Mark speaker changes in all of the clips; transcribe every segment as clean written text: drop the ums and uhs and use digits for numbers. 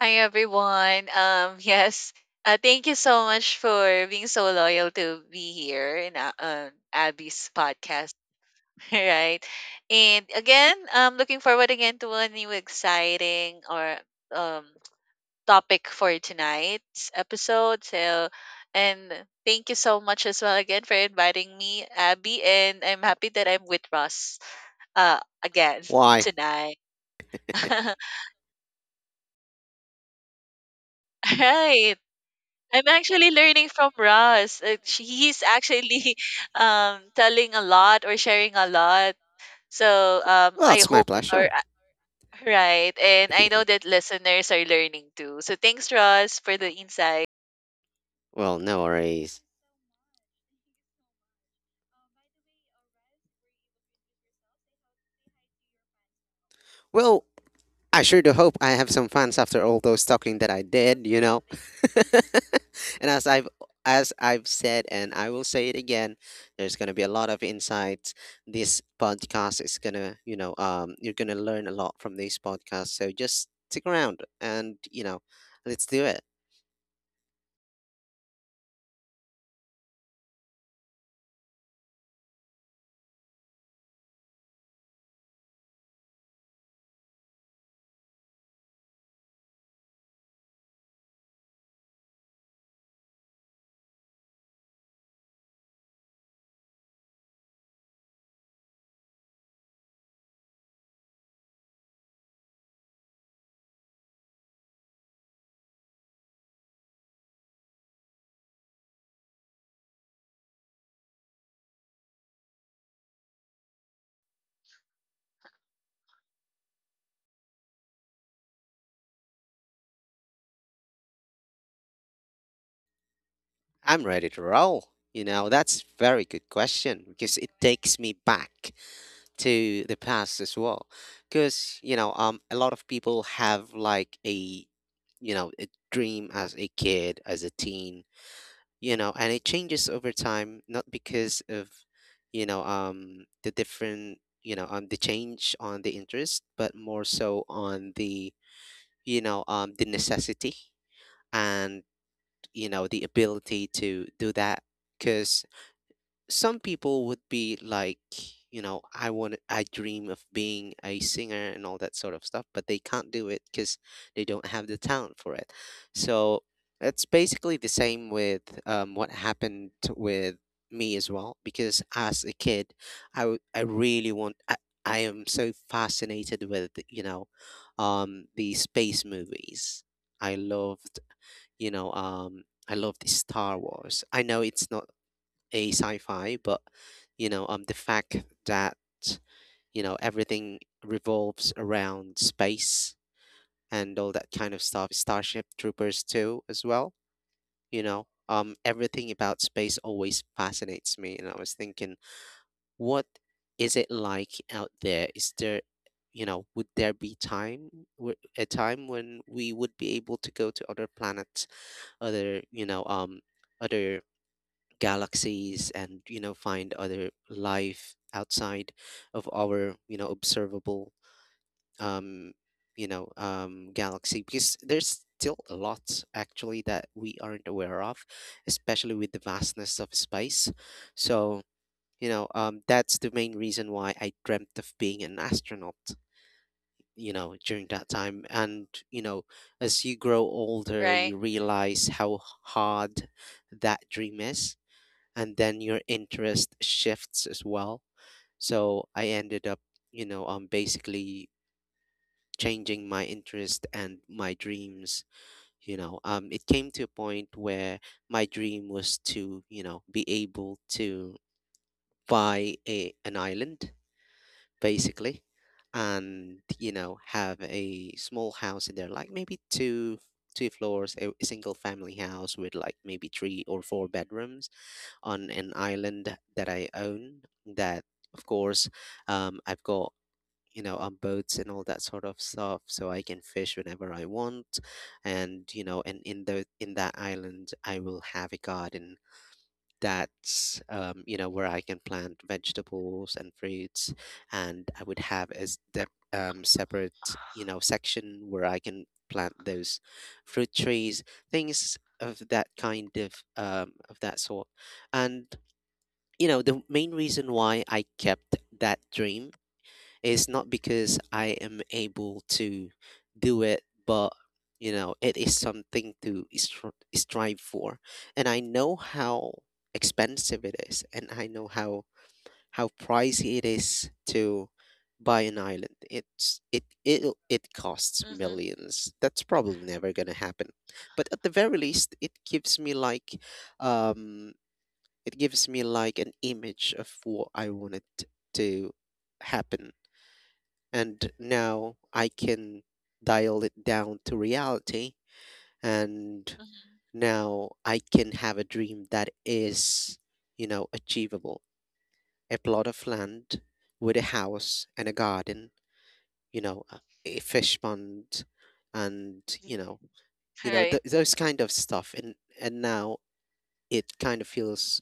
Speaker 1: Hi everyone. Yes. Thank you so much for being so loyal to be here in Abby's podcast, right? And again, I'm looking forward again to a new exciting or um topic for tonight's episode. And thank you so much as well again for inviting me, Abby. And I'm happy that I'm with Ross again
Speaker 2: Why?
Speaker 1: tonight. Right. I'm actually learning from Ross. He's actually telling a lot or sharing a lot. So
Speaker 2: Well,
Speaker 1: I
Speaker 2: it's my
Speaker 1: hope, or
Speaker 2: pleasure.
Speaker 1: right, and I know that listeners are learning too. So thanks, Ross, for the insight.
Speaker 2: Well, no worries. Well, I sure do hope I have some fans after all those talking that I did. And as I've said, and I will say it again, there's going to be a lot of insights. This podcast is going to, you know, you're going to learn a lot from this podcast. So just stick around, and let's do it. I'm ready to roll. That's very good question because it takes me back to the past as well. Because, a lot of people have like a dream as a kid, as a teen, and it changes over time, not because of, you know, the different, you know, the change on the interest, but more so on the necessity, and, the ability to do that, because some people would be like, I dream of being a singer and all that sort of stuff, but they can't do it because they don't have the talent for it. So it's basically the same with what happened with me as well, because as a kid, I, w- I really want I am so fascinated with the space movies. I loved you know um i loved Star Wars. I know it's not a sci-fi, but the fact that everything revolves around space and all that kind of stuff. Starship Troopers too, as well. Everything about space always fascinates me, and I was thinking, what is it like out there? Is there you know, Would there be a time when we would be able to go to other planets, other, you know, um, other galaxies, and find other life outside of our observable um galaxy, because there's still a lot actually that we aren't aware of, especially with the vastness of space. So that's the main reason why I dreamt of being an astronaut during that time. And as you grow older,
Speaker 1: Right.
Speaker 2: you realize how hard that dream is, and then your interest shifts as well. So I ended up, basically changing my interest and my dreams. It came to a point where my dream was to, be able to buy a an island, basically, and have a small house in there, like maybe two floors, a single family house with like maybe three or four bedrooms on an island that I own. That, of course, I've got boats and all that sort of stuff, so I can fish whenever I want. And in the in that island, I will have a garden that's where I can plant vegetables and fruits, and I would have a separate section where I can plant those fruit trees, things of that sort, and the main reason why I kept that dream is not because I am able to do it, but it is something to strive for, and I know how expensive it is, and I know how pricey it is to buy an island. It's it it it costs
Speaker 1: Mm-hmm.
Speaker 2: millions. That's probably never gonna happen, but at the very least, um it gives me like an image of what I wanted to happen. And now I can dial it down to reality. And
Speaker 1: Mm-hmm.
Speaker 2: now I can have a dream that is achievable. A plot of land with a house and a garden, a fish pond, and,
Speaker 1: Mm-hmm. Right.
Speaker 2: those kind of stuff. And now it kind of feels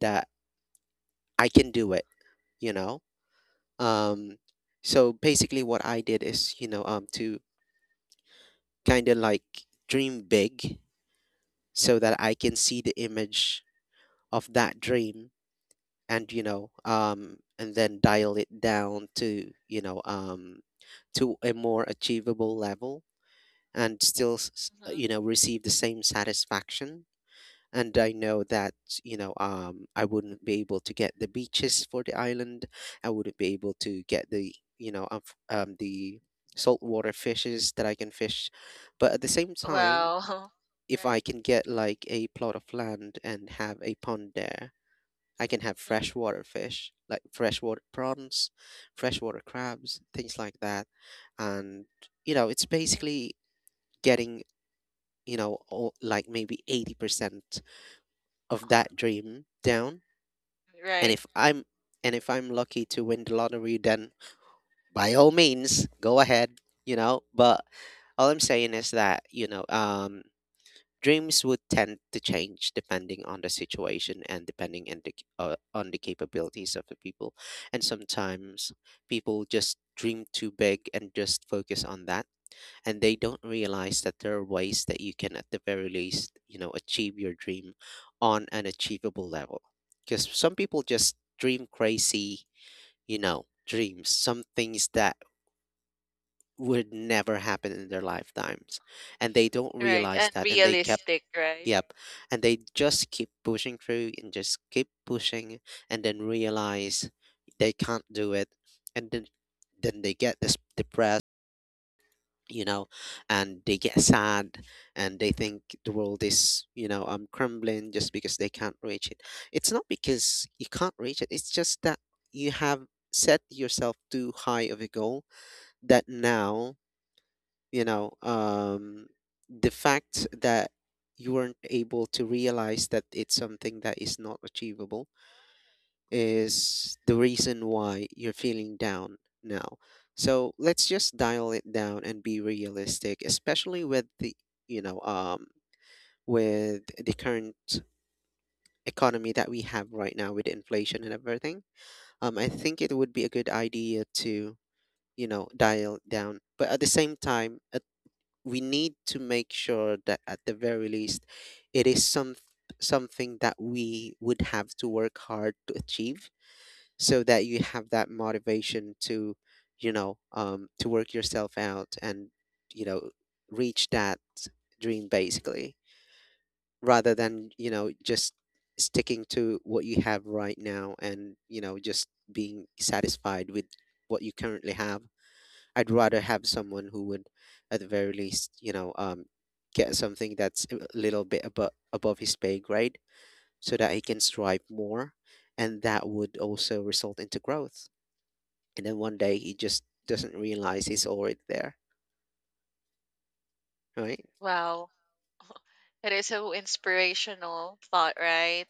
Speaker 2: that I can do it, you know? Um, so basically, what I did is, to kind of like dream big so that I can see the image of that dream, and then dial it down to, to a more achievable level, and still,
Speaker 1: Mm-hmm.
Speaker 2: receive the same satisfaction. And I know that I wouldn't be able to get the beaches for the island. I wouldn't be able to get the you know f- the saltwater fishes that I can fish, but at the same time,
Speaker 1: Wow.
Speaker 2: if I
Speaker 1: Right.
Speaker 2: can get like a plot of land and have a pond there, I can have
Speaker 1: Mm-hmm.
Speaker 2: freshwater fish like freshwater prawns, freshwater crabs, things like that. And it's basically getting all, like maybe 80% of that dream down. and
Speaker 1: Right.
Speaker 2: if i'm and if i'm lucky to win the lottery, then by all means, go ahead. But all I'm saying is that dreams would tend to change depending on the situation and depending on the capabilities of the people. And sometimes people just dream too big and just focus on that, and they don't realize that there are ways that you can at the very least achieve your dream on an achievable level, because some people just dream crazy dreams, some things that would never happen in their lifetimes, and they don't
Speaker 1: Right.
Speaker 2: realize
Speaker 1: And
Speaker 2: that, and they kept
Speaker 1: realistic. Right.
Speaker 2: Yep. And they just keep pushing through and just keep pushing, and then realize they can't do it. And then they get this you know, and they get sad, and they think the world is, crumbling just because they can't reach it. It's not because you can't reach it, it's just that you have set yourself too high of a goal that now, you know, um, the fact that you weren't able to realize that it's something that is not achievable is the reason why you're feeling down now. So let's just dial it down and be realistic, especially with the you know with the current economy that we have right now with inflation and everything. I think it would be a good idea to dial it down, but at the same time, we need to make sure that at the very least, it is something that we would have to work hard to achieve, so that you have that motivation to work yourself out and you know reach that dream, basically, rather than just sticking to what you have right now and just being satisfied with what you currently have. I'd rather have someone who would at the very least get something that's a little bit above his pay grade, so that he can strive more, and that would also result into growth, and then one day he just doesn't realize he's already there. Right.
Speaker 1: Wow. That is so inspirational thought. Right,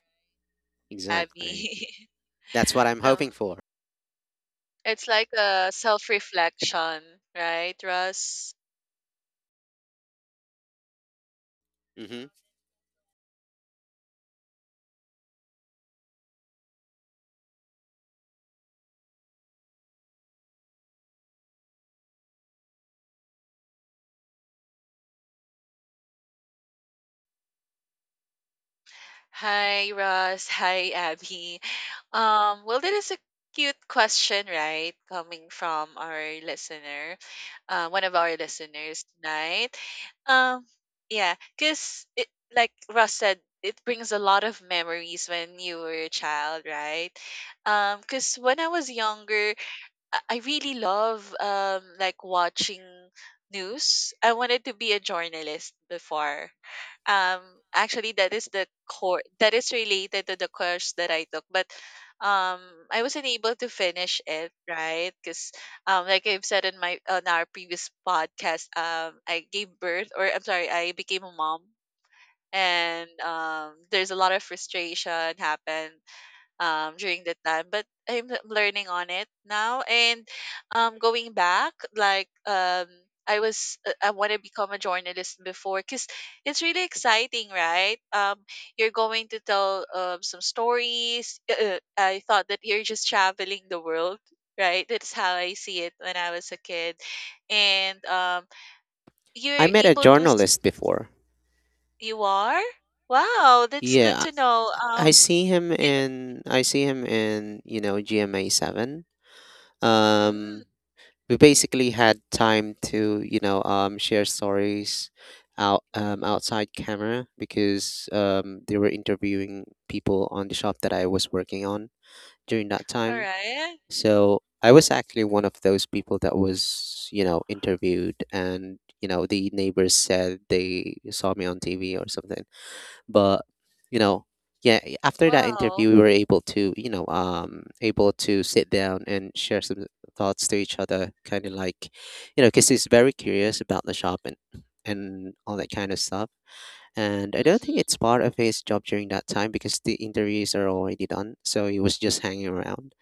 Speaker 2: Exactly,
Speaker 1: Abby.
Speaker 2: that's what I'm
Speaker 1: Um.
Speaker 2: hoping for.
Speaker 1: It's like a self-reflection, right, Russ?
Speaker 2: hmm
Speaker 1: Hi, Russ. Hi, Abby. Well, that is a cute question, right? Coming from our listener, one of our listeners tonight. Um, yeah, because it, like Russ said, it brings a lot of memories when you were a child, right? Because when I was younger, I really love like watching news. I wanted to be a journalist before. Um Actually that is the core. That is related to the course that I took, but um I wasn't able to finish it, right? Cuz like I've said in my on our previous podcast, I gave birth or I'm sorry, I became a mom and there's a lot of frustration happened during that time but I'm learning on it now and going back like I was I want to become a journalist before because it's really exciting right you're going to tell some stories I thought that you're just traveling the world right that's how I see it when I was a kid and
Speaker 2: I
Speaker 1: you're
Speaker 2: met a
Speaker 1: able to see
Speaker 2: journalist before.
Speaker 1: you are wow that's good
Speaker 2: Yeah,
Speaker 1: to know
Speaker 2: I see him
Speaker 1: it-
Speaker 2: in I see him in GMA 7.
Speaker 1: mm,
Speaker 2: um we basically had time to share stories
Speaker 1: mhm.
Speaker 2: outside camera, because they were interviewing people on the shop that I was working on during that
Speaker 1: All
Speaker 2: time.
Speaker 1: right.
Speaker 2: So I was actually one of those people that was, interviewed, and, the neighbors said they saw me on TV or something. But, you know, yeah, after that interview
Speaker 1: Wow.
Speaker 2: we were able to, able to sit down and share some thoughts to each other, kind of like, because he's very curious about the shop and all that kind of stuff. And I don't think
Speaker 1: Mhm.
Speaker 2: it's part of his job during that time because the interviews are already done. So he was just hanging around.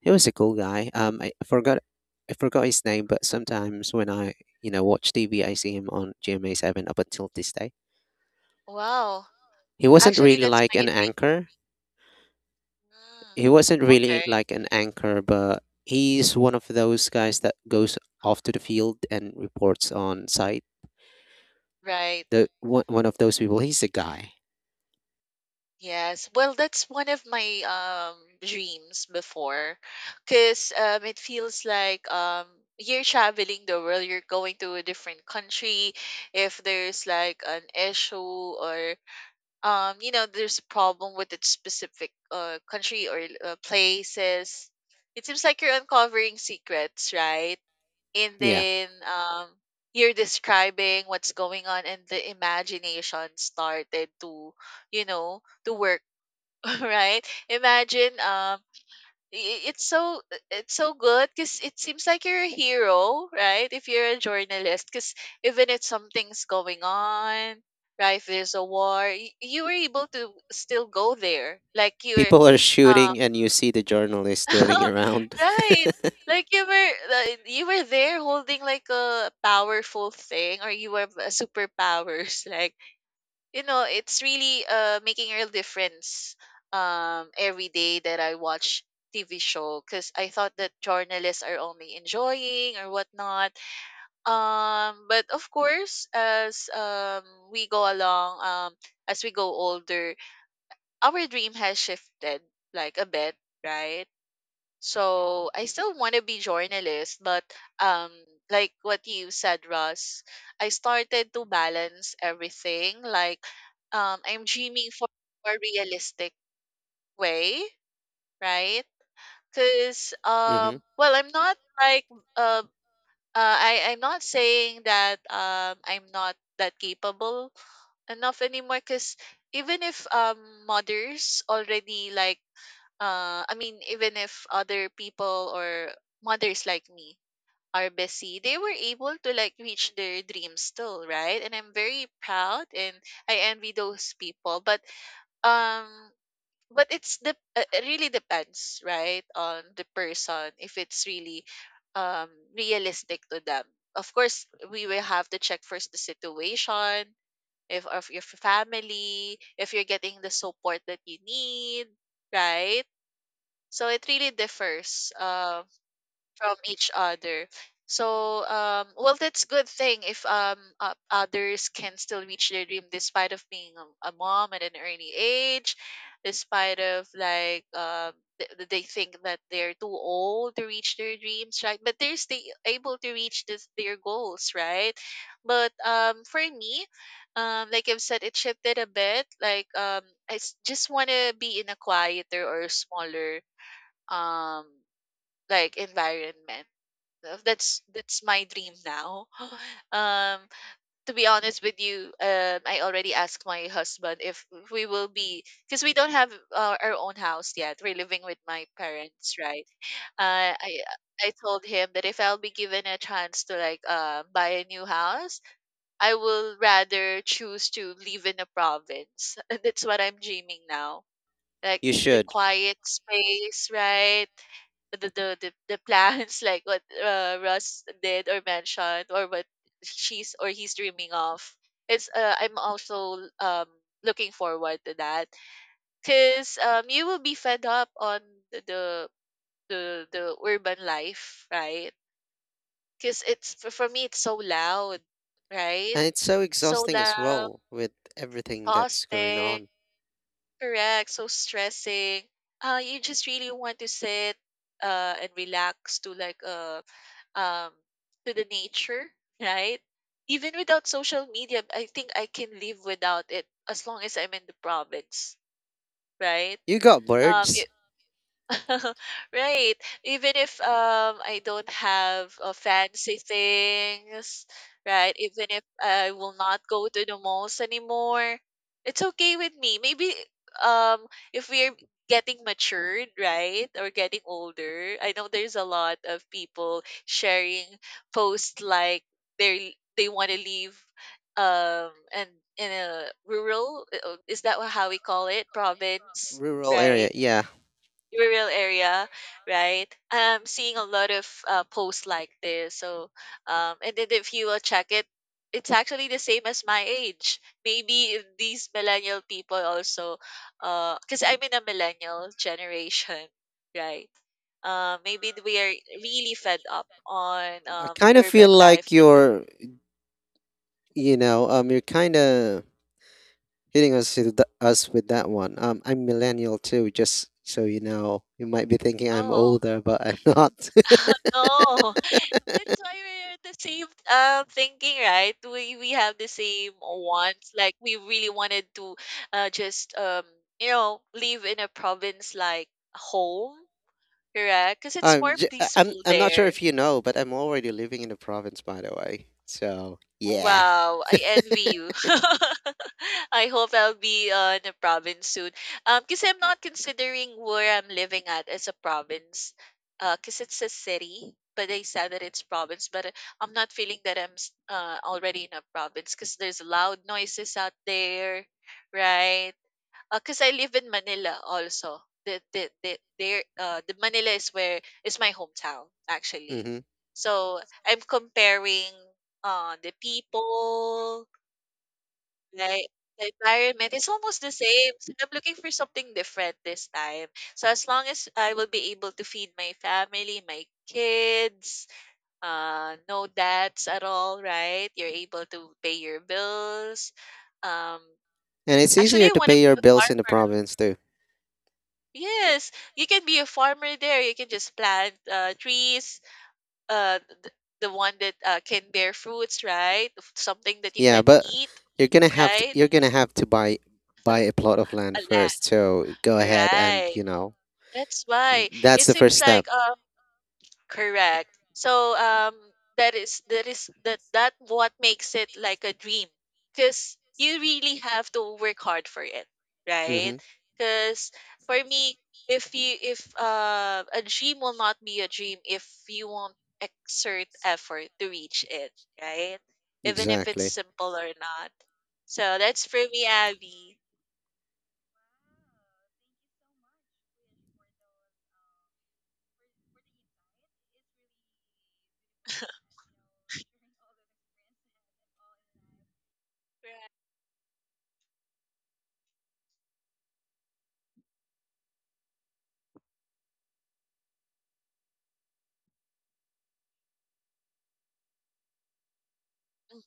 Speaker 2: He was a cool guy. I forgot his name, but sometimes when I watch TV, I see him on GMA 7 up until this day.
Speaker 1: Wow.
Speaker 2: He wasn't
Speaker 1: Actually,
Speaker 2: really
Speaker 1: that's
Speaker 2: like
Speaker 1: my
Speaker 2: an
Speaker 1: dream.
Speaker 2: anchor.
Speaker 1: Mm.
Speaker 2: He wasn't really
Speaker 1: Okay.
Speaker 2: like an anchor, but he's one of those guys that goes off to the field and reports on site,
Speaker 1: Right.
Speaker 2: the one one of those people. He's a guy.
Speaker 1: Yes. Well, that's one of my dreams before, because it feels like you're traveling the world, you're going to a different country. If there's like an issue or you know there's a problem with that specific country or places, it seems like you're uncovering secrets, right? And
Speaker 2: Yeah.
Speaker 1: then you're describing what's going on and the imagination started to you know to work right imagine i- it's so it's so good because it seems like you're a hero right if you're a journalist because even if something's going on right if there's a war you were able to still go there like you're
Speaker 2: People are shooting and you see the journalist running around.
Speaker 1: right. Like, you were there holding like a powerful thing or you have superpowers like you know it's really making a real difference every day that I watch TV show because I thought that journalists are only enjoying or whatnot but of course as we go along as we go older our dream has shifted like a bit right so I still want to be journalist, but um, like what you said, Russ, I started to balance everything. Like, I'm dreaming for a more realistic way, right? Because
Speaker 2: hmm
Speaker 1: well, I'm not like uh, uh, I'm not saying that I'm not that capable enough anymore. Because even if mothers already like I mean even if other people or mothers like me are busy, they were able to like reach their dreams still, right? And I'm very proud and I envy those people. Um but it's the it really depends, right, on the person if it's really um realistic to them. Of course, we will have to check first the situation, if of your family, if you're getting the support that you need, right? So it really differs from each other. So well, that's good thing if others can still reach their dream despite of being a mom at an early age, despite of like they think that they're too old to reach their dreams, right? But they're still able to reach this, their goals, right? But for me, like I've said, it shifted a bit. Like just want to be in a quieter or smaller um like environment. That's my dream now. Um to be honest with you, I already asked my husband if we will be because we don't have our own house yet. We're living with my parents, right? Uh, I I told him that if I'll be given a chance to like buy a new house, I will rather choose to live in a province. That's what I'm dreaming now. Like
Speaker 2: You
Speaker 1: the
Speaker 2: should.
Speaker 1: quiet space, right? the plans like what Russ did or mentioned or what she's or he's dreaming of. It's I'm also looking forward to that because you will be fed up on the urban life, right? Because it's for me it's so loud, right?
Speaker 2: And it's so
Speaker 1: So
Speaker 2: exhausting as
Speaker 1: loud,
Speaker 2: well with everything that's going
Speaker 1: exhausting.
Speaker 2: on.
Speaker 1: Correct. So stressing. You just really want to sit and relax to like um to the nature, right? Even without social media, I think I can live without it as long as I'm in the province, right?
Speaker 2: You got
Speaker 1: Um,
Speaker 2: birds.
Speaker 1: Right. Even if I don't have fancy things, right? Even if I will not go to the malls anymore, it's okay with me. Maybe um if we're getting matured, right? Or getting older, I know there's a lot of people sharing posts like they want to leave and in a rural is that how we call it? Province,
Speaker 2: Rural area.
Speaker 1: right?
Speaker 2: Yeah.
Speaker 1: Rural area, right? I'm seeing a lot of posts like this. So, and then if you will check it, it's actually the same as my age. Maybe these millennial people also, because I'm in a millennial generation, right? Maybe we are really fed up on
Speaker 2: I kind of
Speaker 1: urban
Speaker 2: feel
Speaker 1: life.
Speaker 2: like
Speaker 1: That,
Speaker 2: you're kind of hitting us with that one. I'm millennial too, just so you know. You might be thinking I'm
Speaker 1: oh,
Speaker 2: older, but I'm not.
Speaker 1: no. That's why we're the same thinking, right? We have the same wants. Like we really wanted to just you know live in a province like home, correct? Because it's
Speaker 2: I'm
Speaker 1: more
Speaker 2: j- I-
Speaker 1: peaceful
Speaker 2: I'm not sure
Speaker 1: there.
Speaker 2: if you know, but I'm already living in the province, by the way. So yeah.
Speaker 1: Wow, I envy you. I hope I'll be in a province soon. Because I'm not considering where I'm living at as a province. Because it's a city, but they said that it's province. But I'm not feeling that I'm s- already in a province because there's loud noises out there, right? Because I live in Manila also. The there the Manila is where is my hometown actually.
Speaker 2: hmm
Speaker 1: So I'm comparing the people, like the environment. It's almost the same. So I'm looking for something different this time. So as long as I will be able to feed my family, my kids, no debts at all, right? You're able to pay your bills. Um
Speaker 2: And it's
Speaker 1: Actually
Speaker 2: easier
Speaker 1: I
Speaker 2: to
Speaker 1: want to
Speaker 2: pay
Speaker 1: be
Speaker 2: your
Speaker 1: a
Speaker 2: bills in the
Speaker 1: farmer.
Speaker 2: province.
Speaker 1: Yes, you can be a farmer there. You can just plant trees, uh, the one that can bear fruits, right? Something that you
Speaker 2: Yeah,
Speaker 1: can
Speaker 2: but
Speaker 1: eat,
Speaker 2: you're gonna have to
Speaker 1: right?
Speaker 2: buy a plot of
Speaker 1: A
Speaker 2: land
Speaker 1: land,
Speaker 2: first. So go ahead, and
Speaker 1: right? That's why
Speaker 2: that's
Speaker 1: it
Speaker 2: the first
Speaker 1: seems
Speaker 2: step.
Speaker 1: like Correct. So that is that what makes it like a dream cuz you really have to work hard for it, right?
Speaker 2: Mm-hmm.
Speaker 1: Cuz for me if you if a dream will not be a dream if you won't exert effort to reach it, right? Even if it's
Speaker 2: Exactly.
Speaker 1: simple or not. So that's for me, Abby. Right. Mhm.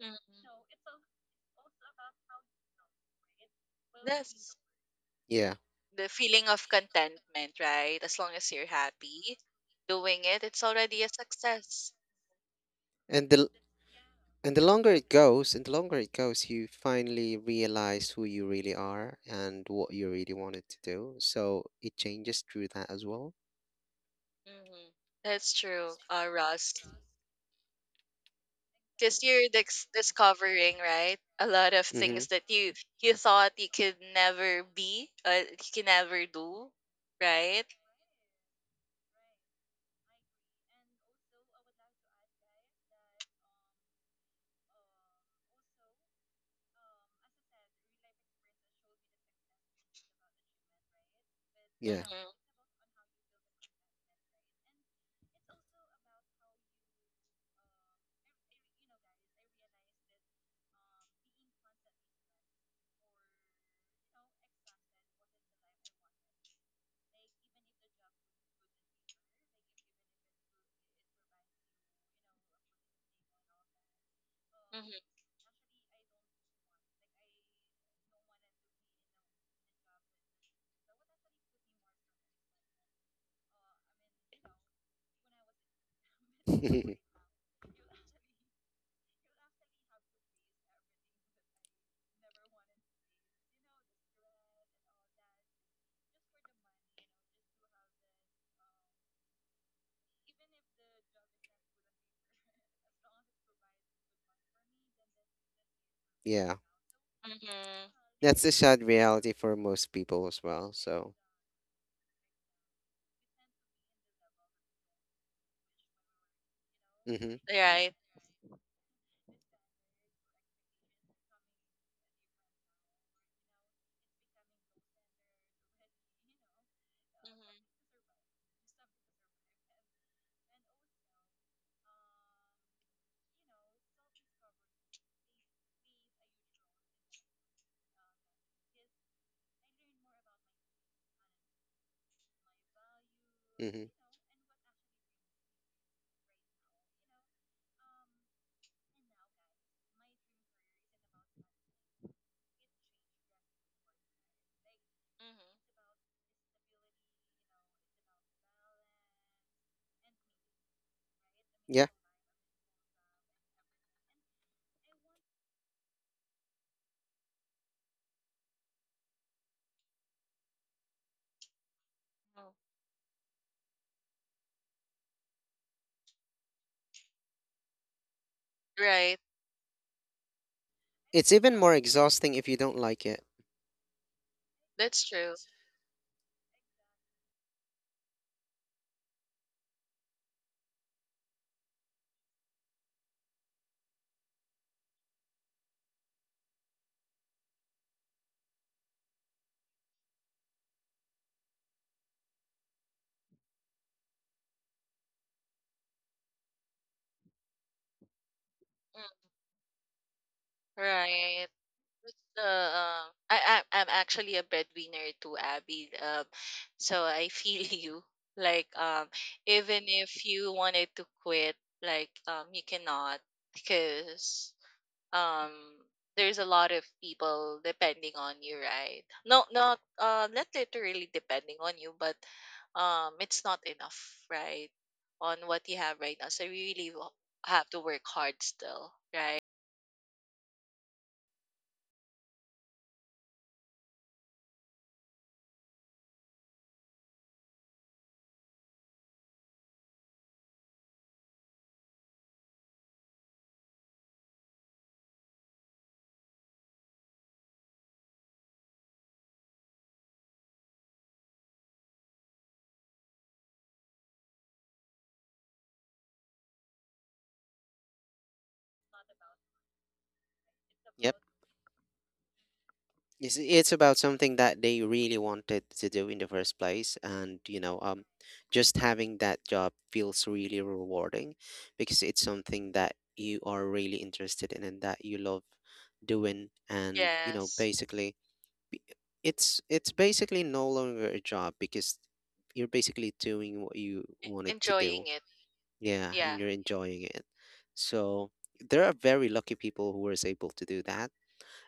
Speaker 1: Mhm. Yes.
Speaker 2: Yeah,
Speaker 1: The feeling of contentment, right? As long as you're happy doing it, it's already a success.
Speaker 2: and the longer it goes, you finally realize who you really are and what you really wanted to do. So it changes through that as well.
Speaker 1: Hmm. That's true, Ross. Because you're discovering, right, a lot of
Speaker 2: Mm-hmm.
Speaker 1: things that you thought you could never be, you can never do, right?
Speaker 2: Yeah.
Speaker 1: Mm-hmm. Mm-hmm.
Speaker 2: Yeah.
Speaker 1: Mm-hmm.
Speaker 2: That's the sad reality for most people as well. So, mm-hmm.
Speaker 1: Right. Mm-hmm.
Speaker 2: Mm-hmm.
Speaker 1: Mm-hmm.
Speaker 2: Yeah.
Speaker 1: Right.
Speaker 2: It's even more exhausting if you don't like it.
Speaker 1: That's true. Mm. Right. I'm actually a breadwinner too, Abby. So I feel you. Like even if you wanted to quit, like you cannot because um, there's a lot of people depending on you, right? No, not not literally depending on you, but it's not enough, right? On what you have right now, so you really have to work hard still, right?
Speaker 2: Yep. It's about something that they really wanted to do in the first place, and just having that job feels really rewarding because it's something that you are really interested in and that you love doing, and
Speaker 1: Yes,
Speaker 2: basically, b- it's basically no longer a job because you're basically doing what you wanted to do,
Speaker 1: enjoying it.
Speaker 2: yeah, and
Speaker 1: Yeah.
Speaker 2: you're enjoying it. So there are very lucky people who was able to do that,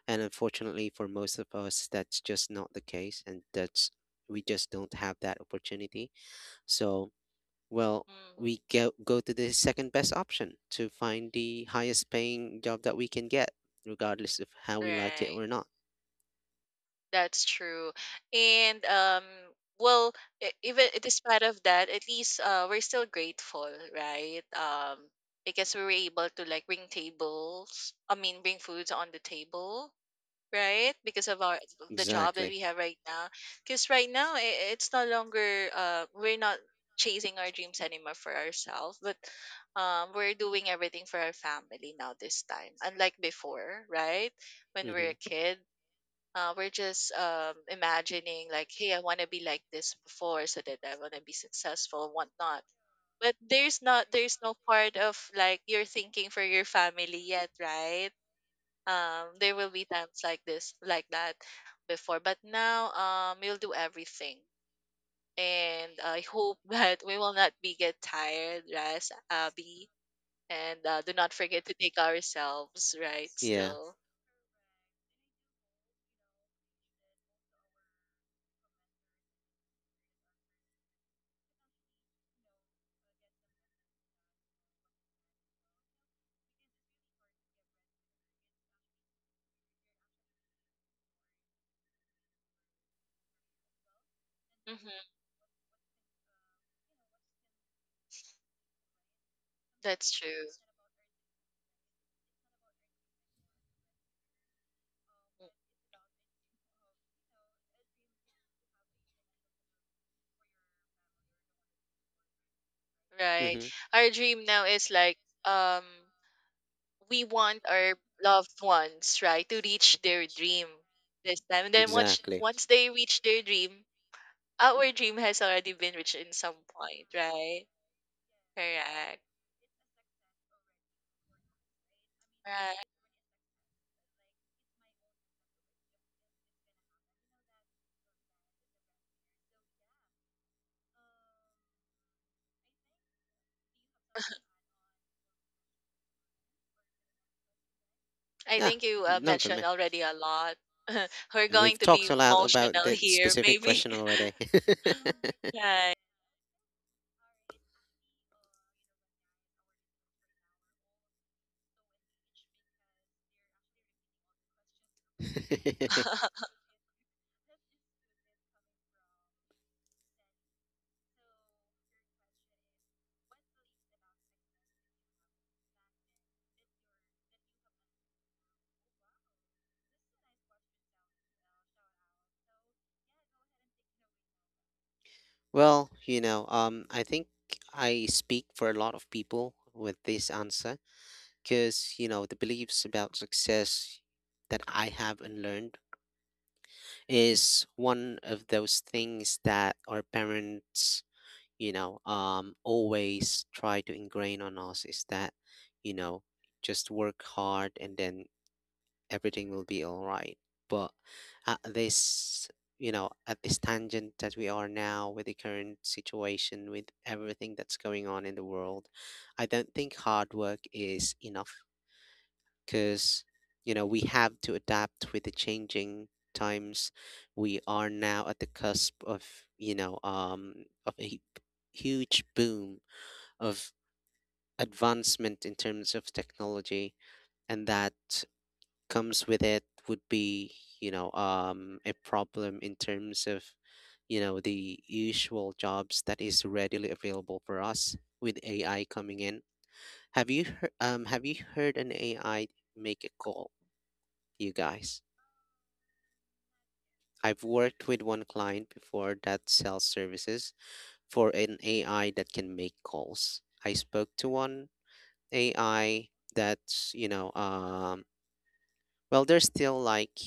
Speaker 2: and unfortunately, for most of us, that's just not the case. And that's, we just don't have that opportunity. So, well,
Speaker 1: Mhm.
Speaker 2: we go, to the second best option to find the highest paying job that we can get, regardless of how we like it
Speaker 1: Right.
Speaker 2: or not.
Speaker 1: That's true. And well, even despite of that, at least we're still grateful, right? Because we were able to like bring tables, I mean bring foods on the table right? Because of our the job that
Speaker 2: Exactly.
Speaker 1: we have right now. Because right now I it's no longer we're not chasing our dreams anymore for ourselves, but we're doing everything for our family now this time. Unlike before, right? When we're
Speaker 2: Mm-hmm.
Speaker 1: a kid. We're just imagining like, hey, I want to be like this before, so that I want to be successful, and whatnot. But there's no part of like you're thinking for your family yet, right? There will be times like this like that before, but now we'll do everything. And I hope that we will not be get tired. Rest, Abby, and do not forget to take ourselves, right,
Speaker 2: Yeah.
Speaker 1: still. Hmm. That's true, right?
Speaker 2: Mm-hmm.
Speaker 1: Our dream now is like, um we want our loved ones, right, to reach their dream this time, and then once
Speaker 2: Exactly.
Speaker 1: once they reach their dream, our dream has already been reached in some point, right? Correct. Right. I
Speaker 2: Yeah,
Speaker 1: think you
Speaker 2: none for
Speaker 1: mentioned
Speaker 2: me.
Speaker 1: already a lot. We're going
Speaker 2: We've
Speaker 1: to
Speaker 2: talked
Speaker 1: be
Speaker 2: a lot about
Speaker 1: emotional
Speaker 2: that
Speaker 1: here,
Speaker 2: specific
Speaker 1: maybe.
Speaker 2: question already.
Speaker 1: Right.
Speaker 2: Well, I think I speak for a lot of people with this answer because, you know, the beliefs about success that I have and learned is one of those things that our parents always try to ingrain on us is that you know just work hard and then everything will be all right. But at this you know at this tangent that we are now, with the current situation with everything that's going on in the world, I don't think hard work is enough because we have to adapt with the changing times. We are now at the cusp of you know um of a huge boom of advancement in terms of technology, and that comes with it would be a problem in terms of the usual jobs that is readily available for us with AI coming in. Have you heard an AI make a call, you guys? I've worked with one client before that sells services for an AI that can make calls. I spoke to one AI that's well, there's still like,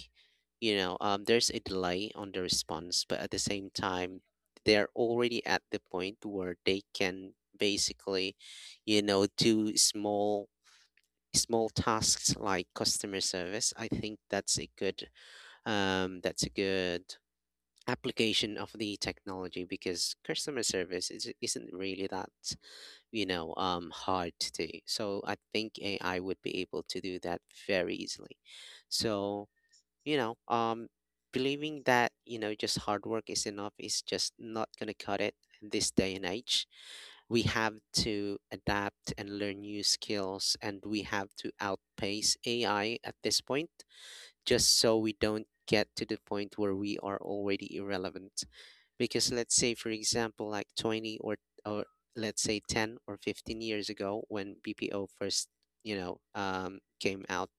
Speaker 2: there's a delay on the response, but at the same time, they're already at the point where they can basically, do small tasks like customer service. I think that's a good application of the technology because customer service is, isn't really that hard to do. So I think AI would be able to do that very easily. So you know, um, believing that, just hard work is enough is just not going to cut it in this day and age. We have to adapt and learn new skills, and we have to outpace AI at this point, just so we don't get to the point where we are already irrelevant. Because let's say, for example, like 20 or, or let's say 10 or 15 years ago when BPO first, came out,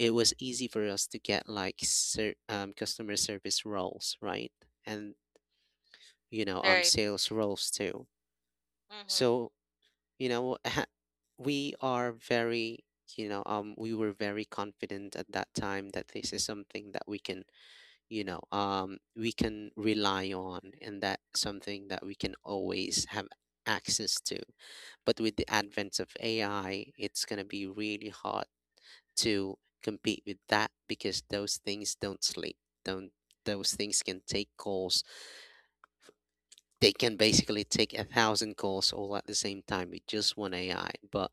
Speaker 2: it was easy for us to get like customer service roles, right? And
Speaker 1: Right.
Speaker 2: sales roles too.
Speaker 1: Mm-hmm.
Speaker 2: So you know, ha- we are very, we were very confident at that time that this is something that we can, we can rely on, and that something that we can always have access to. But with the advent of AI, it's gonna be really hard to compete with that because those things don't sleep. Don't those things can take calls. They can basically take 1,000 calls all at the same time with just one AI. But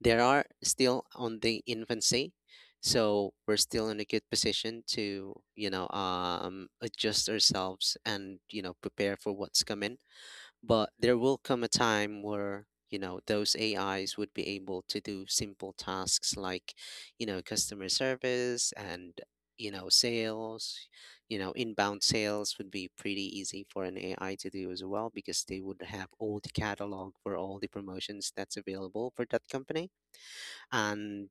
Speaker 2: there are still on the infancy. So we're still in a good position to, adjust ourselves and, prepare for what's coming. But there will come a time where, those AIs would be able to do simple tasks like, customer service, and, sales, inbound sales would be pretty easy for an AI to do as well because they would have all the catalog for all the promotions that's available for that company. And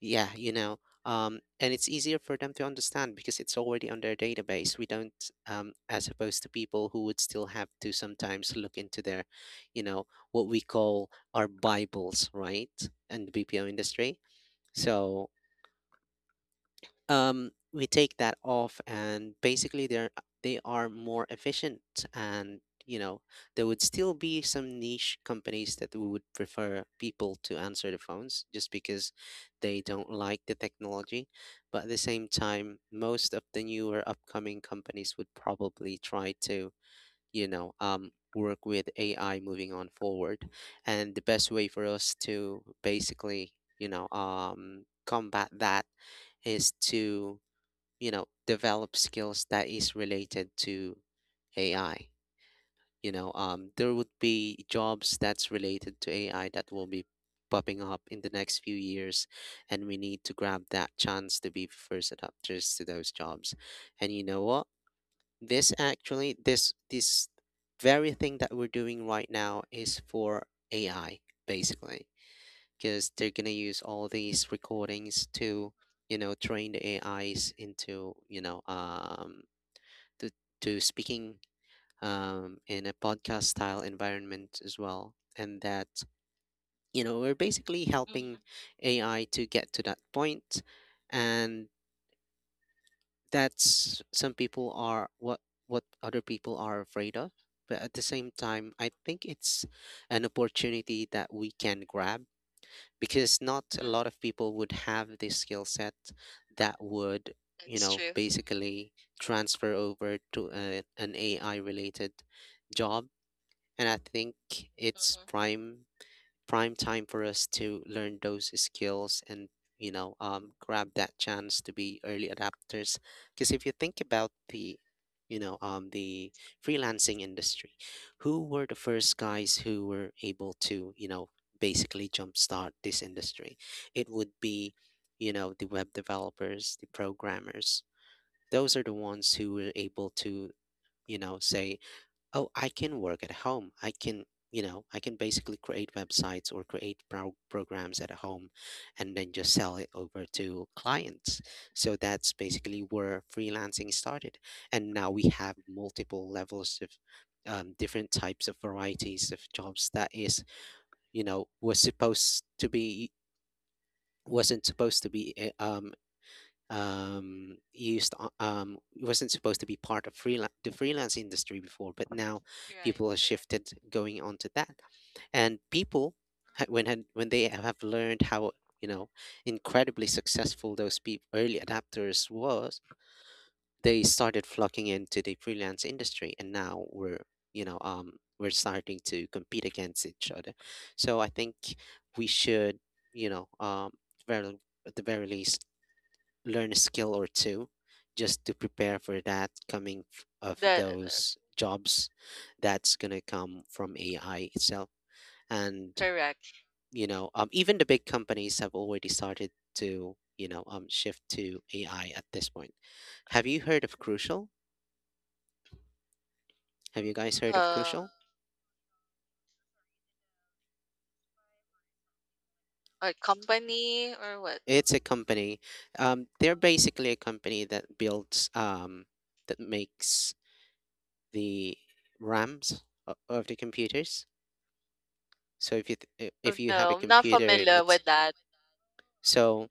Speaker 2: yeah, and it's easier for them to understand because it's already on their database. We don't, as opposed to people who would still have to sometimes look into their, you know, what we call our Bibles, right? And the BPO industry. So we take that off, and basically they are more efficient, and you know there would still be some niche companies that would prefer people to answer the phones just because they don't like the technology. But at the same time, most of the newer upcoming companies would probably try to you know um, work with AI moving on forward, and the best way for us to basically combat that is to develop skills that is related to AI. There would be jobs that's related to AI that will be popping up in the next few years, and we need to grab that chance to be first adopters to those jobs. And you know what? This actually, this very thing that we're doing right now is for AI basically, because they're gonna use all these recordings to, train the AIs into, to to speaking in a podcast style environment as well, and that we're basically helping
Speaker 1: Mm-hmm.
Speaker 2: AI to get to that point, and that's some people are what other people are afraid of. But at the same time, I think it's an opportunity that we can grab because not a
Speaker 1: Mm.
Speaker 2: lot of people would have this skill set that would
Speaker 1: That's true.
Speaker 2: basically transfer over to a, an AI related job. And I think it's
Speaker 1: Mm-hmm.
Speaker 2: prime time for us to learn those skills and grab that chance to be early adapters. Because if you think about the the freelancing industry, who were the first guys who were able to basically jumpstart this industry, it would be the web developers, the programmers. Those are the ones who were able to say, oh, I can work at home. I can, I can basically create websites or create programs at home and then just sell it over to clients. So that's basically where freelancing started. And now we have multiple levels of different types of varieties of jobs that is, you know, was supposed to be wasn't supposed to be wasn't supposed to be part of freelance the freelance industry before, but now
Speaker 1: Right.
Speaker 2: people have
Speaker 1: Correct.
Speaker 2: shifted going on to that, and people when had, when they have learned how you know incredibly successful those peop early adapters was, they started flocking into the freelance industry. And now we're you know um we're starting to compete against each other. So I think we should you know um very at the very least learn a skill or two just to prepare for that coming of
Speaker 1: The
Speaker 2: those jobs that's going to come from AI itself. And,
Speaker 1: Correct.
Speaker 2: even the big companies have already started to, shift to AI at this point. Have you heard of Crucial? Have you guys heard of
Speaker 1: Um,
Speaker 2: Crucial?
Speaker 1: a company or what?
Speaker 2: It's a company. They're basically a company that builds, that makes the RAMs of the computers. So if you
Speaker 1: Oh,
Speaker 2: if you have a
Speaker 1: no, I'm not
Speaker 2: computer,
Speaker 1: familiar
Speaker 2: it's
Speaker 1: with that.
Speaker 2: so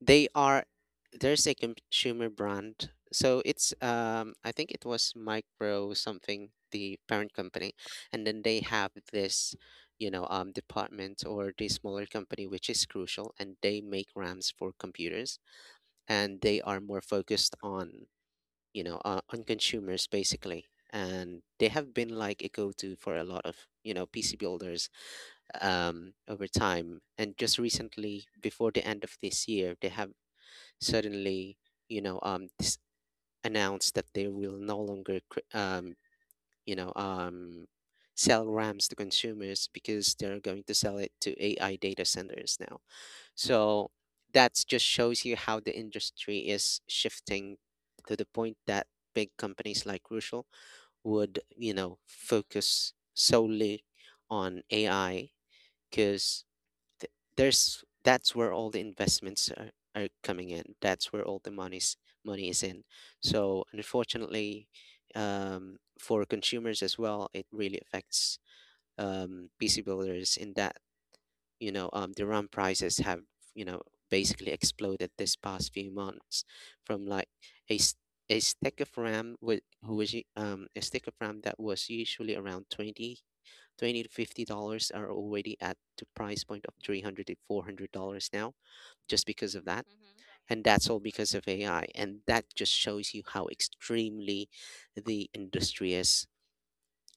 Speaker 2: they are there's a consumer brand. So it's I think it was Micro something the parent company, and then they have this department or the smaller company, which is Crucial, and they make RAMs for computers, and they are more focused on on consumers basically. And they have been like a go-to for a lot of PC builders over time. And just recently, before the end of this year, they have suddenly, you know, um, s- announced that they will no longer, you know, um, sell RAMs to consumers because they're going to sell it to AI data centers now. So that just shows you how the industry is shifting to the point that big companies like Crucial would,
Speaker 1: Mm-hmm.
Speaker 2: focus solely on AI because th- there's that's where all the investments are coming in. That's where all the money is in. So unfortunately, for consumers as well, it really affects, PC builders in that, the RAM prices have, you know basically exploded this past few months. From like a s- a stick of RAM with who was u- a stick of RAM that was usually around 20 to $50, are already at the price point of 300 to $400 now, just because of that.
Speaker 1: Mm-hmm.
Speaker 2: And that's all because of AI. And that just shows you how extremely the industry is,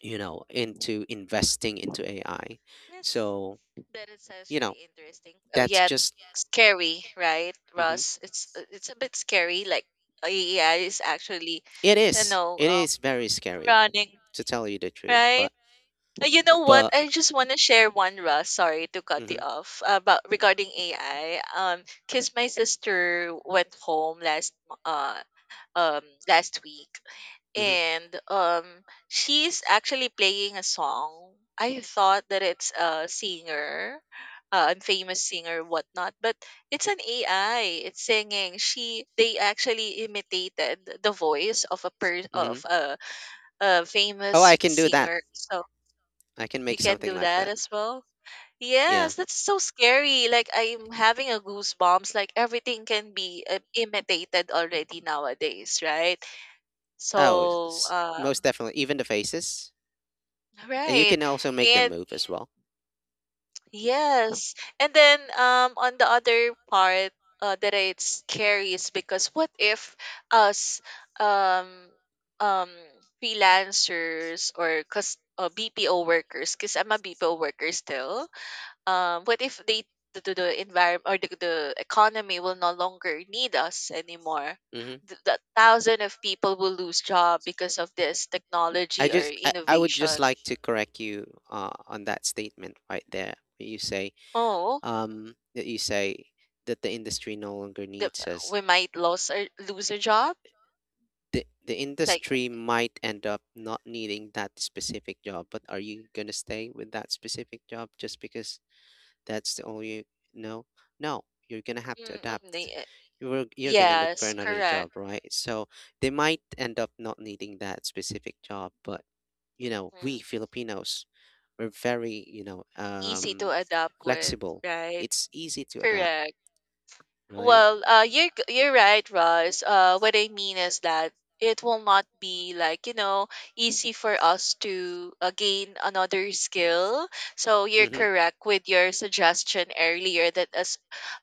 Speaker 2: into investing into AI.
Speaker 1: Yes.
Speaker 2: So,
Speaker 1: That it sounds
Speaker 2: you know
Speaker 1: really interesting. Oh,
Speaker 2: that's
Speaker 1: yet
Speaker 2: just.
Speaker 1: scary, right,
Speaker 2: Mhm.
Speaker 1: Ross? It's a bit scary. Like AI is actually,
Speaker 2: it
Speaker 1: you
Speaker 2: is
Speaker 1: know,
Speaker 2: it
Speaker 1: um,
Speaker 2: is very scary,
Speaker 1: running,
Speaker 2: to tell you the truth.
Speaker 1: right?
Speaker 2: but
Speaker 1: You know what?
Speaker 2: but
Speaker 1: I just want to share one, Ross. Sorry to cut you
Speaker 2: hmm
Speaker 1: off about regarding AI. Cause my sister went home last um last week, and she's actually playing a song. I thought that it's a famous singer whatnot, but it's an AI it's singing. She they actually imitated the voice of a per
Speaker 2: hmm
Speaker 1: of a
Speaker 2: oh, I
Speaker 1: famous
Speaker 2: can do that.
Speaker 1: singer. So
Speaker 2: I can
Speaker 1: you
Speaker 2: make
Speaker 1: can
Speaker 2: something
Speaker 1: do
Speaker 2: like
Speaker 1: that
Speaker 2: that.
Speaker 1: as well.
Speaker 2: Yeah.
Speaker 1: Yes, that's so scary. Like I'm having a goosebumps. Like everything can be imitated already nowadays, right?
Speaker 2: Oh,
Speaker 1: So
Speaker 2: most definitely. Even the faces, and you
Speaker 1: right.
Speaker 2: can also make them
Speaker 1: And
Speaker 2: move as well.
Speaker 1: yes. And then on the other part that it's scary is because what if us um um freelancers or cause BPO workers, because I'm a BPO worker still. What if the environment or the economy will no longer need us anymore.
Speaker 2: hmm
Speaker 1: The thousand of people will lose job because of this
Speaker 2: I
Speaker 1: technology or
Speaker 2: just, I, I would just
Speaker 1: innovation.
Speaker 2: like to correct you, on that statement right there, where you say,
Speaker 1: Oh,
Speaker 2: that you say that the industry no longer
Speaker 1: The
Speaker 2: needs us.
Speaker 1: we might lose a job,
Speaker 2: The
Speaker 1: like,
Speaker 2: industry might end up not needing that specific job, but are you going to stay with that specific job just because that's the all you know? No, you're going to have to adapt.
Speaker 1: okay,
Speaker 2: You're going to look for
Speaker 1: yes,
Speaker 2: another job,
Speaker 1: correct.
Speaker 2: right? So they might end up not needing that specific job, but you know, we
Speaker 1: Mhm.
Speaker 2: Filipinos, we're very,
Speaker 1: Easy to adapt with,
Speaker 2: flexible.
Speaker 1: right?
Speaker 2: It's easy to adapt,
Speaker 1: Correct.
Speaker 2: right?
Speaker 1: Well, you're right, Roz. What I mean is that it will not be like easy for us to gain another skill. So you're
Speaker 2: Mm-hmm.
Speaker 1: correct with your suggestion earlier that as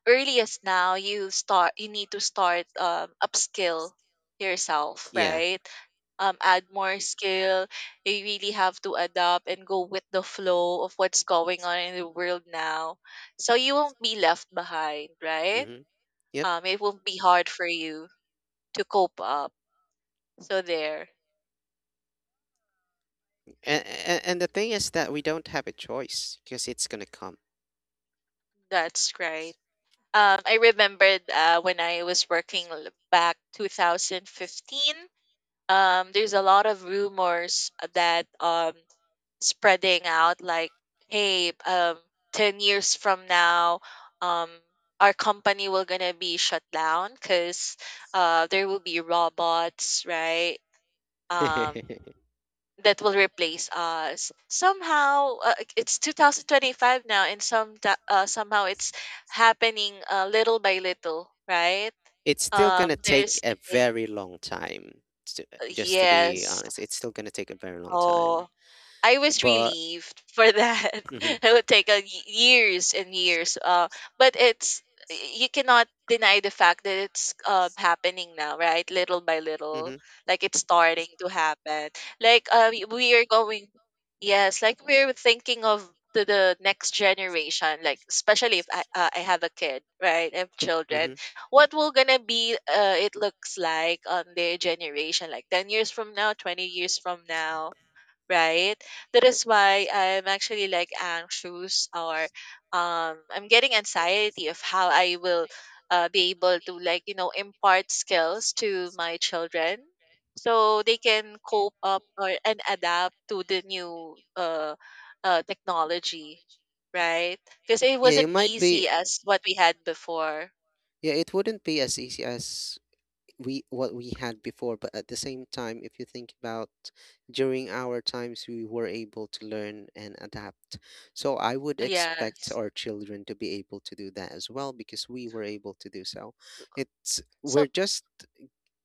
Speaker 1: early as now you need to start upskill yourself,
Speaker 2: Yeah.
Speaker 1: right? Add more skill. You really have to adapt and go with the flow of what's going on in the world now. So you won't be left behind, right?
Speaker 2: Mm-hmm. Yep.
Speaker 1: It will be hard for you to cope up. So there,
Speaker 2: And the thing is that we don't have a choice because it's gonna come.
Speaker 1: that's right. I remembered when I was working back 2015. There's a lot of rumors that spreading out like, hey, 10 years from now, um, our company will gonna be shut down because there will be robots, right? Um,
Speaker 2: It's
Speaker 1: that will replace us. Somehow, it's 2025 now, and somehow it's happening little by little, right?
Speaker 2: still
Speaker 1: Um,
Speaker 2: gonna take
Speaker 1: there's
Speaker 2: a
Speaker 1: eh,
Speaker 2: very long time. To, just to be
Speaker 1: yes,
Speaker 2: honest, it's still gonna take a very long time.
Speaker 1: oh, I was
Speaker 2: But
Speaker 1: relieved for that.
Speaker 2: hmm
Speaker 1: It would take years and years. But it's you cannot deny the fact that it's happening now, right? Little by little,
Speaker 2: hmm
Speaker 1: like it's starting to happen. Like we are going, yes, like we're thinking of to the next generation. Like especially if I have a kid, right? I have children.
Speaker 2: hmm
Speaker 1: What will gonna be? It looks like on their generation, like 10 years from now, 20 years from now, right? That is why I'm actually like anxious, or I'm getting anxiety of how I will be able to like impart skills to my children so they can cope up or and adapt to the new technology, right? Because it
Speaker 2: yeah, it you
Speaker 1: wasn't
Speaker 2: might
Speaker 1: easy
Speaker 2: be.
Speaker 1: as what we had before.
Speaker 2: We had yeah, it wouldn't be as easy as we what we had before, but at the same time, if you think about during our times, we were able to learn and adapt. So I would before expect, yeah,
Speaker 1: Yes.
Speaker 2: our children to be able to do that as well because we were able to do so. It's
Speaker 1: So
Speaker 2: we're just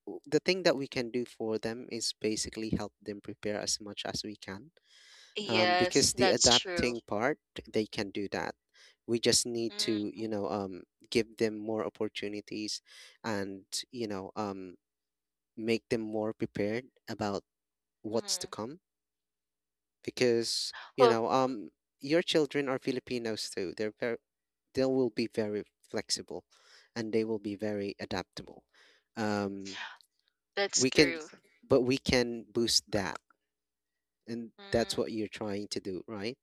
Speaker 2: w- the thing that we can do for them is basically help them prepare as much as we can,
Speaker 1: yes,
Speaker 2: because the
Speaker 1: that's true.
Speaker 2: adapting part they can do. That we just need to,
Speaker 1: Hmm.
Speaker 2: give them more opportunities, and, you know um, make them more prepared about what's to
Speaker 1: Hmm.
Speaker 2: come because,
Speaker 1: Well,
Speaker 2: your children are Filipinos too, they're very, they will be very flexible, and they will be very adaptable, um,
Speaker 1: that's
Speaker 2: we can
Speaker 1: true.
Speaker 2: but we can boost that. And that's
Speaker 1: Mm.
Speaker 2: what you're trying to do, right?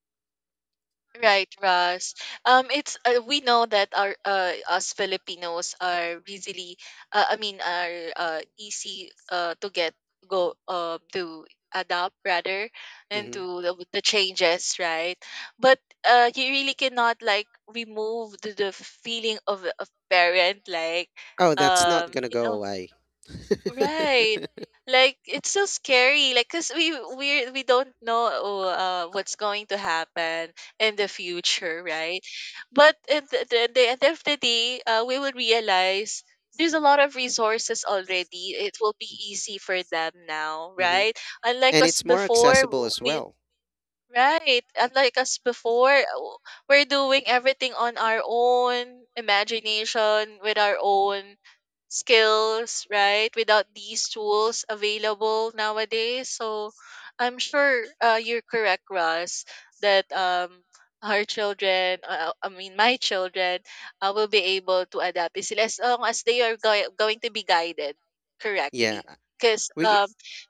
Speaker 1: Right, Russ. It's we know that our us Filipinos are easily, I mean, are easy to get go to adapt rather and
Speaker 2: hmm
Speaker 1: to the changes, right? But you really cannot like remove the feeling of a parent, like,
Speaker 2: Oh, that's not gonna
Speaker 1: you
Speaker 2: go
Speaker 1: know.
Speaker 2: away.
Speaker 1: Right. Like it's so scary, like, cause we don't know what's going to happen in the future, right? But at the end of the day, we will realize there's a lot of resources already. It will be easy for them now,
Speaker 2: hmm
Speaker 1: right? Unlike
Speaker 2: And
Speaker 1: us
Speaker 2: it's more
Speaker 1: before,
Speaker 2: accessible
Speaker 1: w-
Speaker 2: as
Speaker 1: we
Speaker 2: well.
Speaker 1: Right. Unlike us before, we're doing everything on our own imagination, with our own skills, right? Without these tools available nowadays. So I'm sure you're correct, Russ, that our children, I mean, my children, will be able to adapt easily, as long as they are going to be guided
Speaker 2: Yeah,
Speaker 1: correctly. Because
Speaker 2: we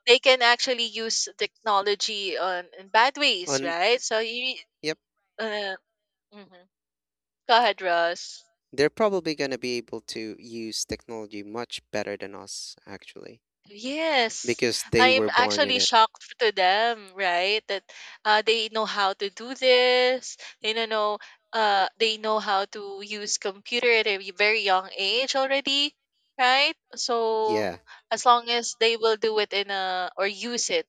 Speaker 1: they can actually use technology on in bad ways,
Speaker 2: on
Speaker 1: right? So you,
Speaker 2: yep.
Speaker 1: uh, mhm, go ahead, Russ.
Speaker 2: They're probably gonna be able to use technology much better than us actually,
Speaker 1: Yes,
Speaker 2: because they
Speaker 1: I'm
Speaker 2: were born in
Speaker 1: actually
Speaker 2: it.
Speaker 1: shocked to them, right? That they know how to do this. They don't know. They know how to use computer at a very young age already, right? So
Speaker 2: Yeah.
Speaker 1: as long as they will do it in a or use it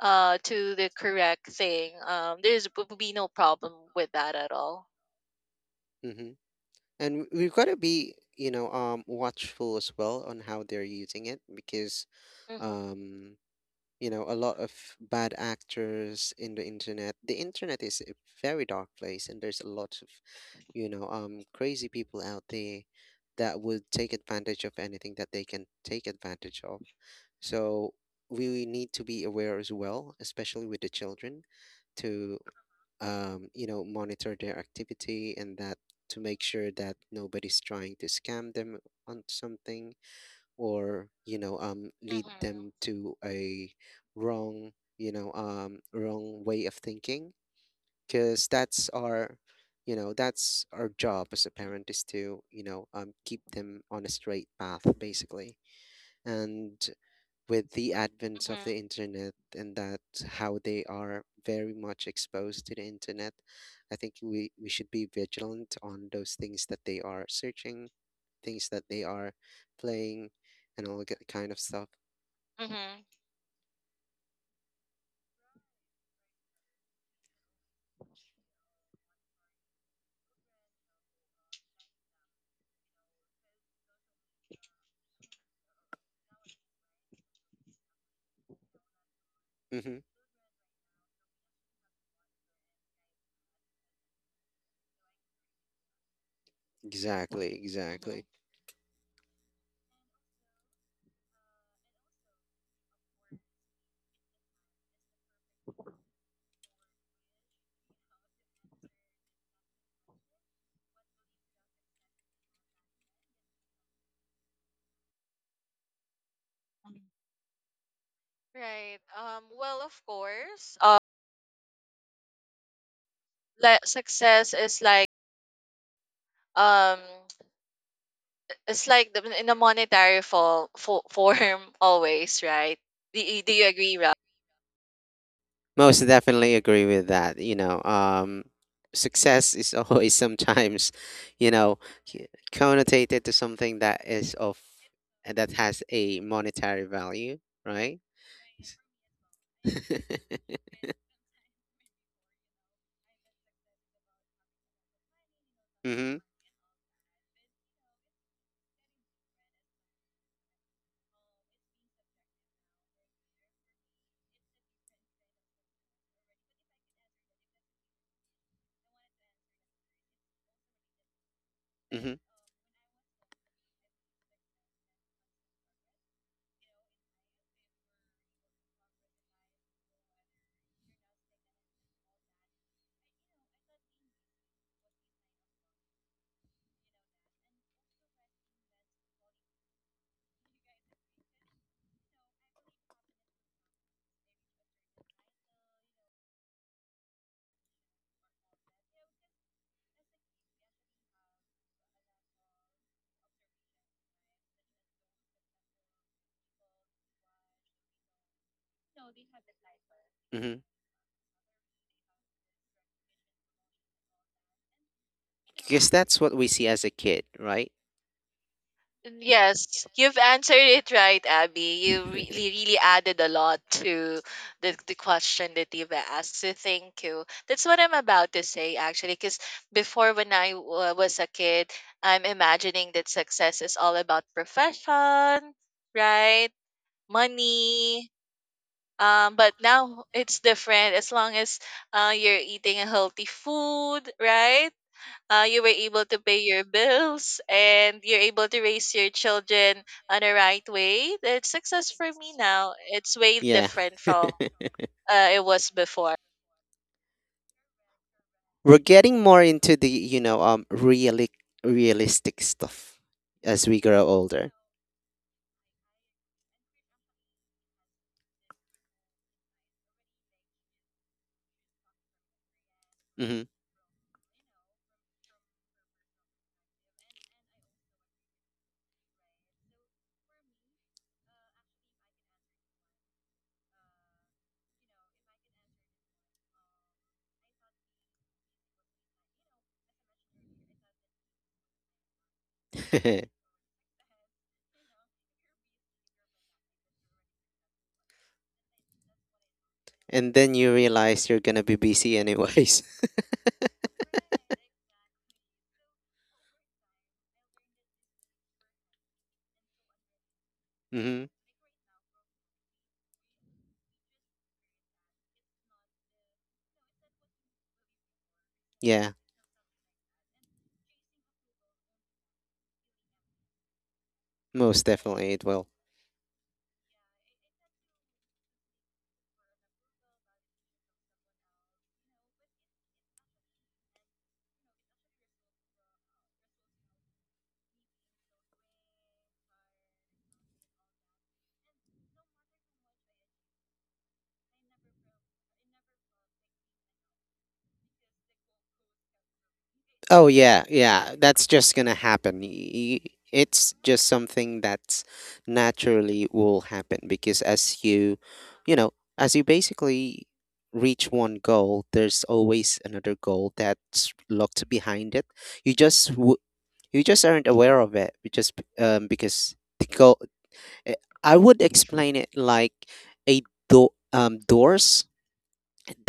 Speaker 1: to the correct thing, there's will be no problem with that at all.
Speaker 2: hmm And we've got to be, watchful as well on how they're using it because,
Speaker 1: Mm-hmm.
Speaker 2: um, you know, a lot of bad actors in the internet. The internet is a very dark place, and there's a lot of, crazy people out there that would take advantage of anything that they can take advantage of. So we need to be aware as well, especially with the children, to, you know, monitor their activity and that, to make sure that nobody's trying to scam them on something or, lead
Speaker 1: Mm-hmm.
Speaker 2: them to a wrong, wrong way of thinking. Because that's our, you know, that's our job as a parent is to, keep them on a straight path, basically. And with the advent of
Speaker 1: Mm-hmm.
Speaker 2: the internet and that how they are very much exposed to the internet, I think we should be vigilant on those things that they are searching, things that they are playing, and all that kind of stuff.
Speaker 1: Mm-hmm.
Speaker 2: hmm Exactly, exactly.
Speaker 1: Mm-hmm. Right. Well, of course, like success is like, um, it's like the, in a monetary form always, right? Do you agree, Rob?
Speaker 2: Most definitely agree with that. Success is always sometimes, you know, c- connotated to something that is of that has a monetary value, right? Mhm. Mhm. Mhm. Because that's what we see as a kid, right?
Speaker 1: Yes, you've answered it right, Abby. You really, really added a lot to the question that you've asked. So thank you. That's what I'm about to say, actually, because before, when I was a kid, I'm imagining that success is all about profession, right? Money. But now it's different. As long as you're eating a healthy food, right? You were able to pay your bills and you're able to raise your children on the right way. That's success for me now. It's way
Speaker 2: Yeah.
Speaker 1: different from it was before.
Speaker 2: We're getting more into the, realistic stuff as we grow older. Mhm. And then you realize you're going to be busy anyways. Mhm. Yeah, most definitely it will. Oh yeah, yeah. That's just gonna happen. Y- It's just something that's naturally will happen because as you, you know, as you basically reach one goal, there's always another goal that's locked behind it. You just w- you just aren't aware of it. You just because the goal. Eh, I would explain it like a door, doors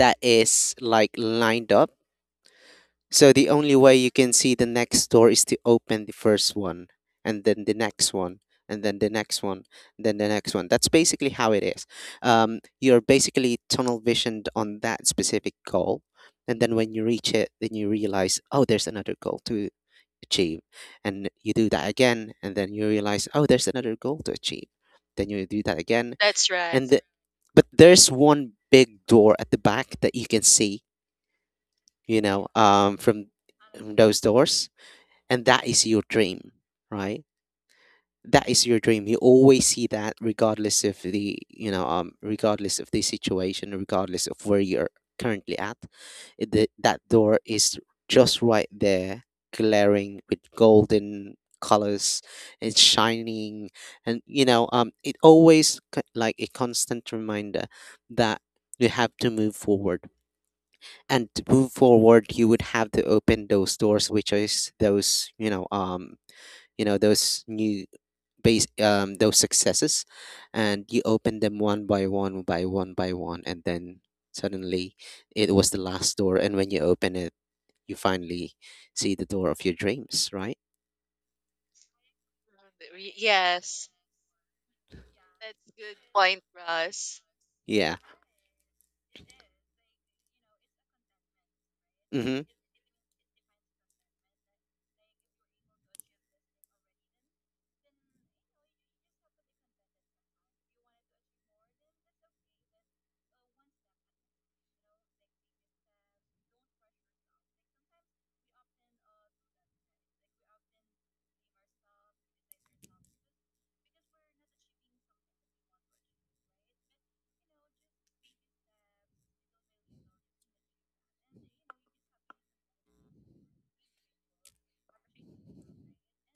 Speaker 2: that is like lined up, so the only way you can see the next door is to open the first one, and then the next one, and then the next one, then the next one. That's basically how it is. You're basically tunnel visioned on that specific goal. And then when you reach it, then you realize, oh, there's another goal to achieve. And you do that again. And then you realize, oh, there's another goal to achieve. Then you do that again.
Speaker 1: That's right.
Speaker 2: And the, but there's one big door at the back that you can see, from those doors, and that is your dream, right? That is your dream. You always see that, regardless of the, regardless of the situation, regardless of where you're currently at, the, that door is just right there, glaring with golden colors and shining, and, it always like a constant reminder that you have to move forward, and to move forward you would have to open those doors, which is those, you know, those new base, those successes. And you open them one by one by one by one, and then suddenly it was the last door, and when you open it, you finally see the door of your dreams, right?
Speaker 1: Yes, that's good point, Ross.
Speaker 2: Yeah. Mm-hmm.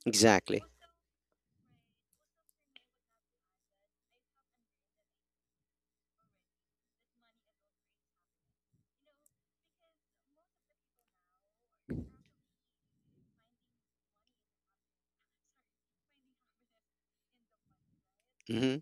Speaker 2: Exactly. Mm-hmm.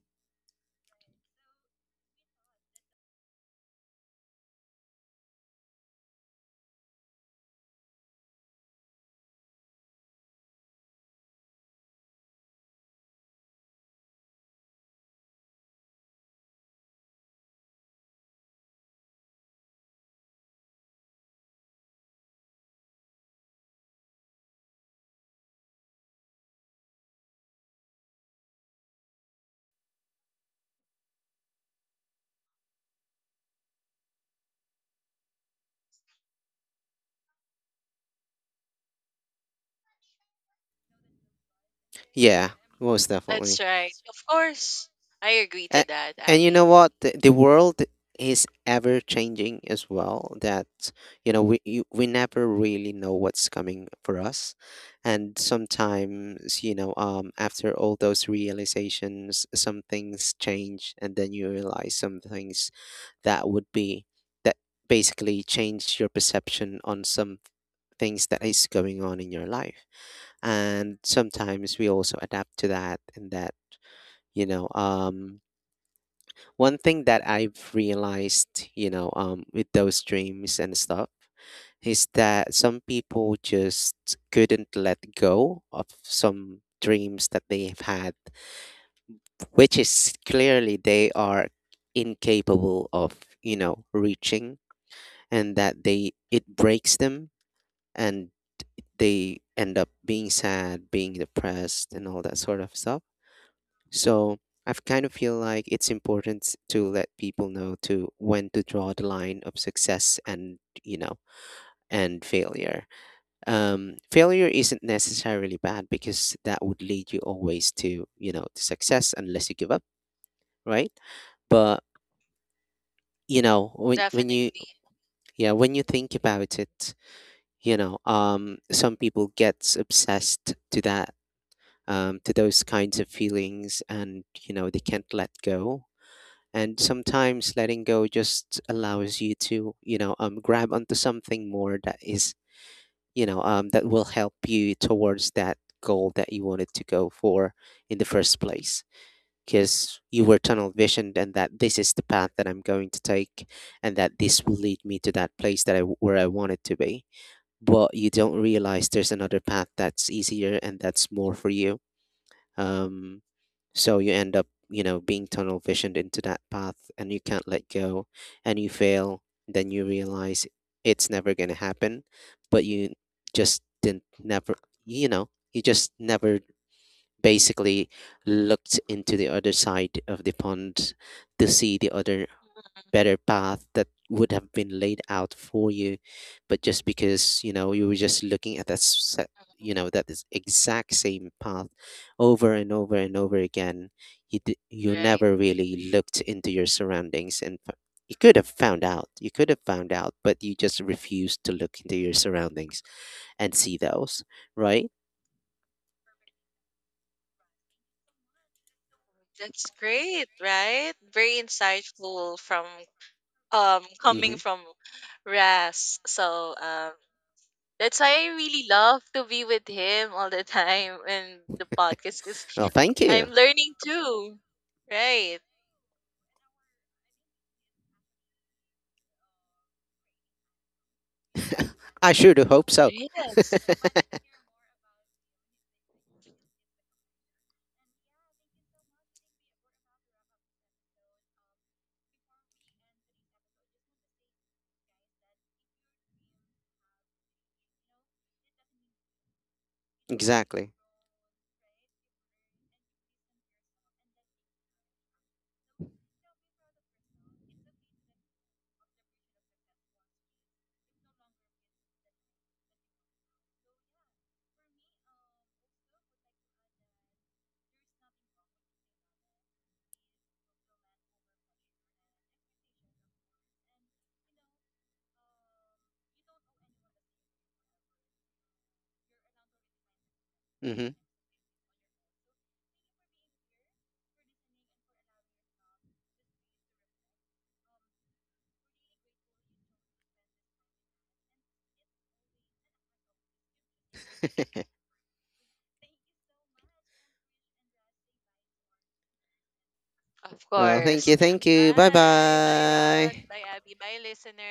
Speaker 2: Yeah, most
Speaker 1: That's
Speaker 2: definitely.
Speaker 1: right. Of course, I agree to
Speaker 2: And,
Speaker 1: that,
Speaker 2: and you
Speaker 1: Abby.
Speaker 2: know what? The world is ever changing as well. That you know, we you, we never really know what's coming for us. And sometimes, you know, after all those realizations, some things change, and then you realize some things that would be that basically change your perception on some things that is going on in your life. And sometimes we also adapt to that. And that, you know, um, one thing that I've realized, with those dreams and stuff, is that some people just couldn't let go of some dreams that they've had, which is clearly they are incapable of, you know, reaching, and that they it breaks them, and they end up being sad, being depressed, and all that sort of stuff. So I kind of feel like it's important to let people know to when to draw the line of success and, you know, and failure. Failure isn't necessarily bad because that would lead you always to, you know, to success unless you give up, right? But you know when you,
Speaker 1: Definitely.
Speaker 2: yeah, when you think about it, some people gets obsessed to that, to those kinds of feelings. And, you know, they can't let go, and sometimes letting go just allows you to, grab onto something more that is, that will help you towards that goal that you wanted to go for in the first place. Because you were tunnel visioned and that this is the path that I'm going to take, and that this will lead me to that place that I where I wanted to be. But you don't realize there's another path that's easier and that's more for you. um, so you end up, you know, being tunnel visioned into that path, and you can't let go, and you fail. Then you realize it's never going to happen, but you just didn't never, you know, you just never basically looked into the other side of the pond to see the other
Speaker 1: Mhm.
Speaker 2: better path that would have been laid out for you. But just because you know you were just looking at that set, you know, that is exact same path over and over and over again, you
Speaker 1: Right.
Speaker 2: never really looked into your surroundings. And you could have found out, you could have found out, but you just refused to look into your surroundings and see those, right?
Speaker 1: That's great, right? Very insightful from
Speaker 2: Mm-hmm.
Speaker 1: coming from Ras. So that's why I really love to be with him all the time in the podcast, because
Speaker 2: Well, thank you.
Speaker 1: I'm learning too. Right.
Speaker 2: I should hope so.
Speaker 1: Yes.
Speaker 2: Exactly. hmm
Speaker 1: Of
Speaker 2: well, thank
Speaker 1: course.
Speaker 2: you, thank you. Bye
Speaker 1: Bye. Bye, Ras.
Speaker 2: bye.
Speaker 1: Bye, Abby. Bye, listeners.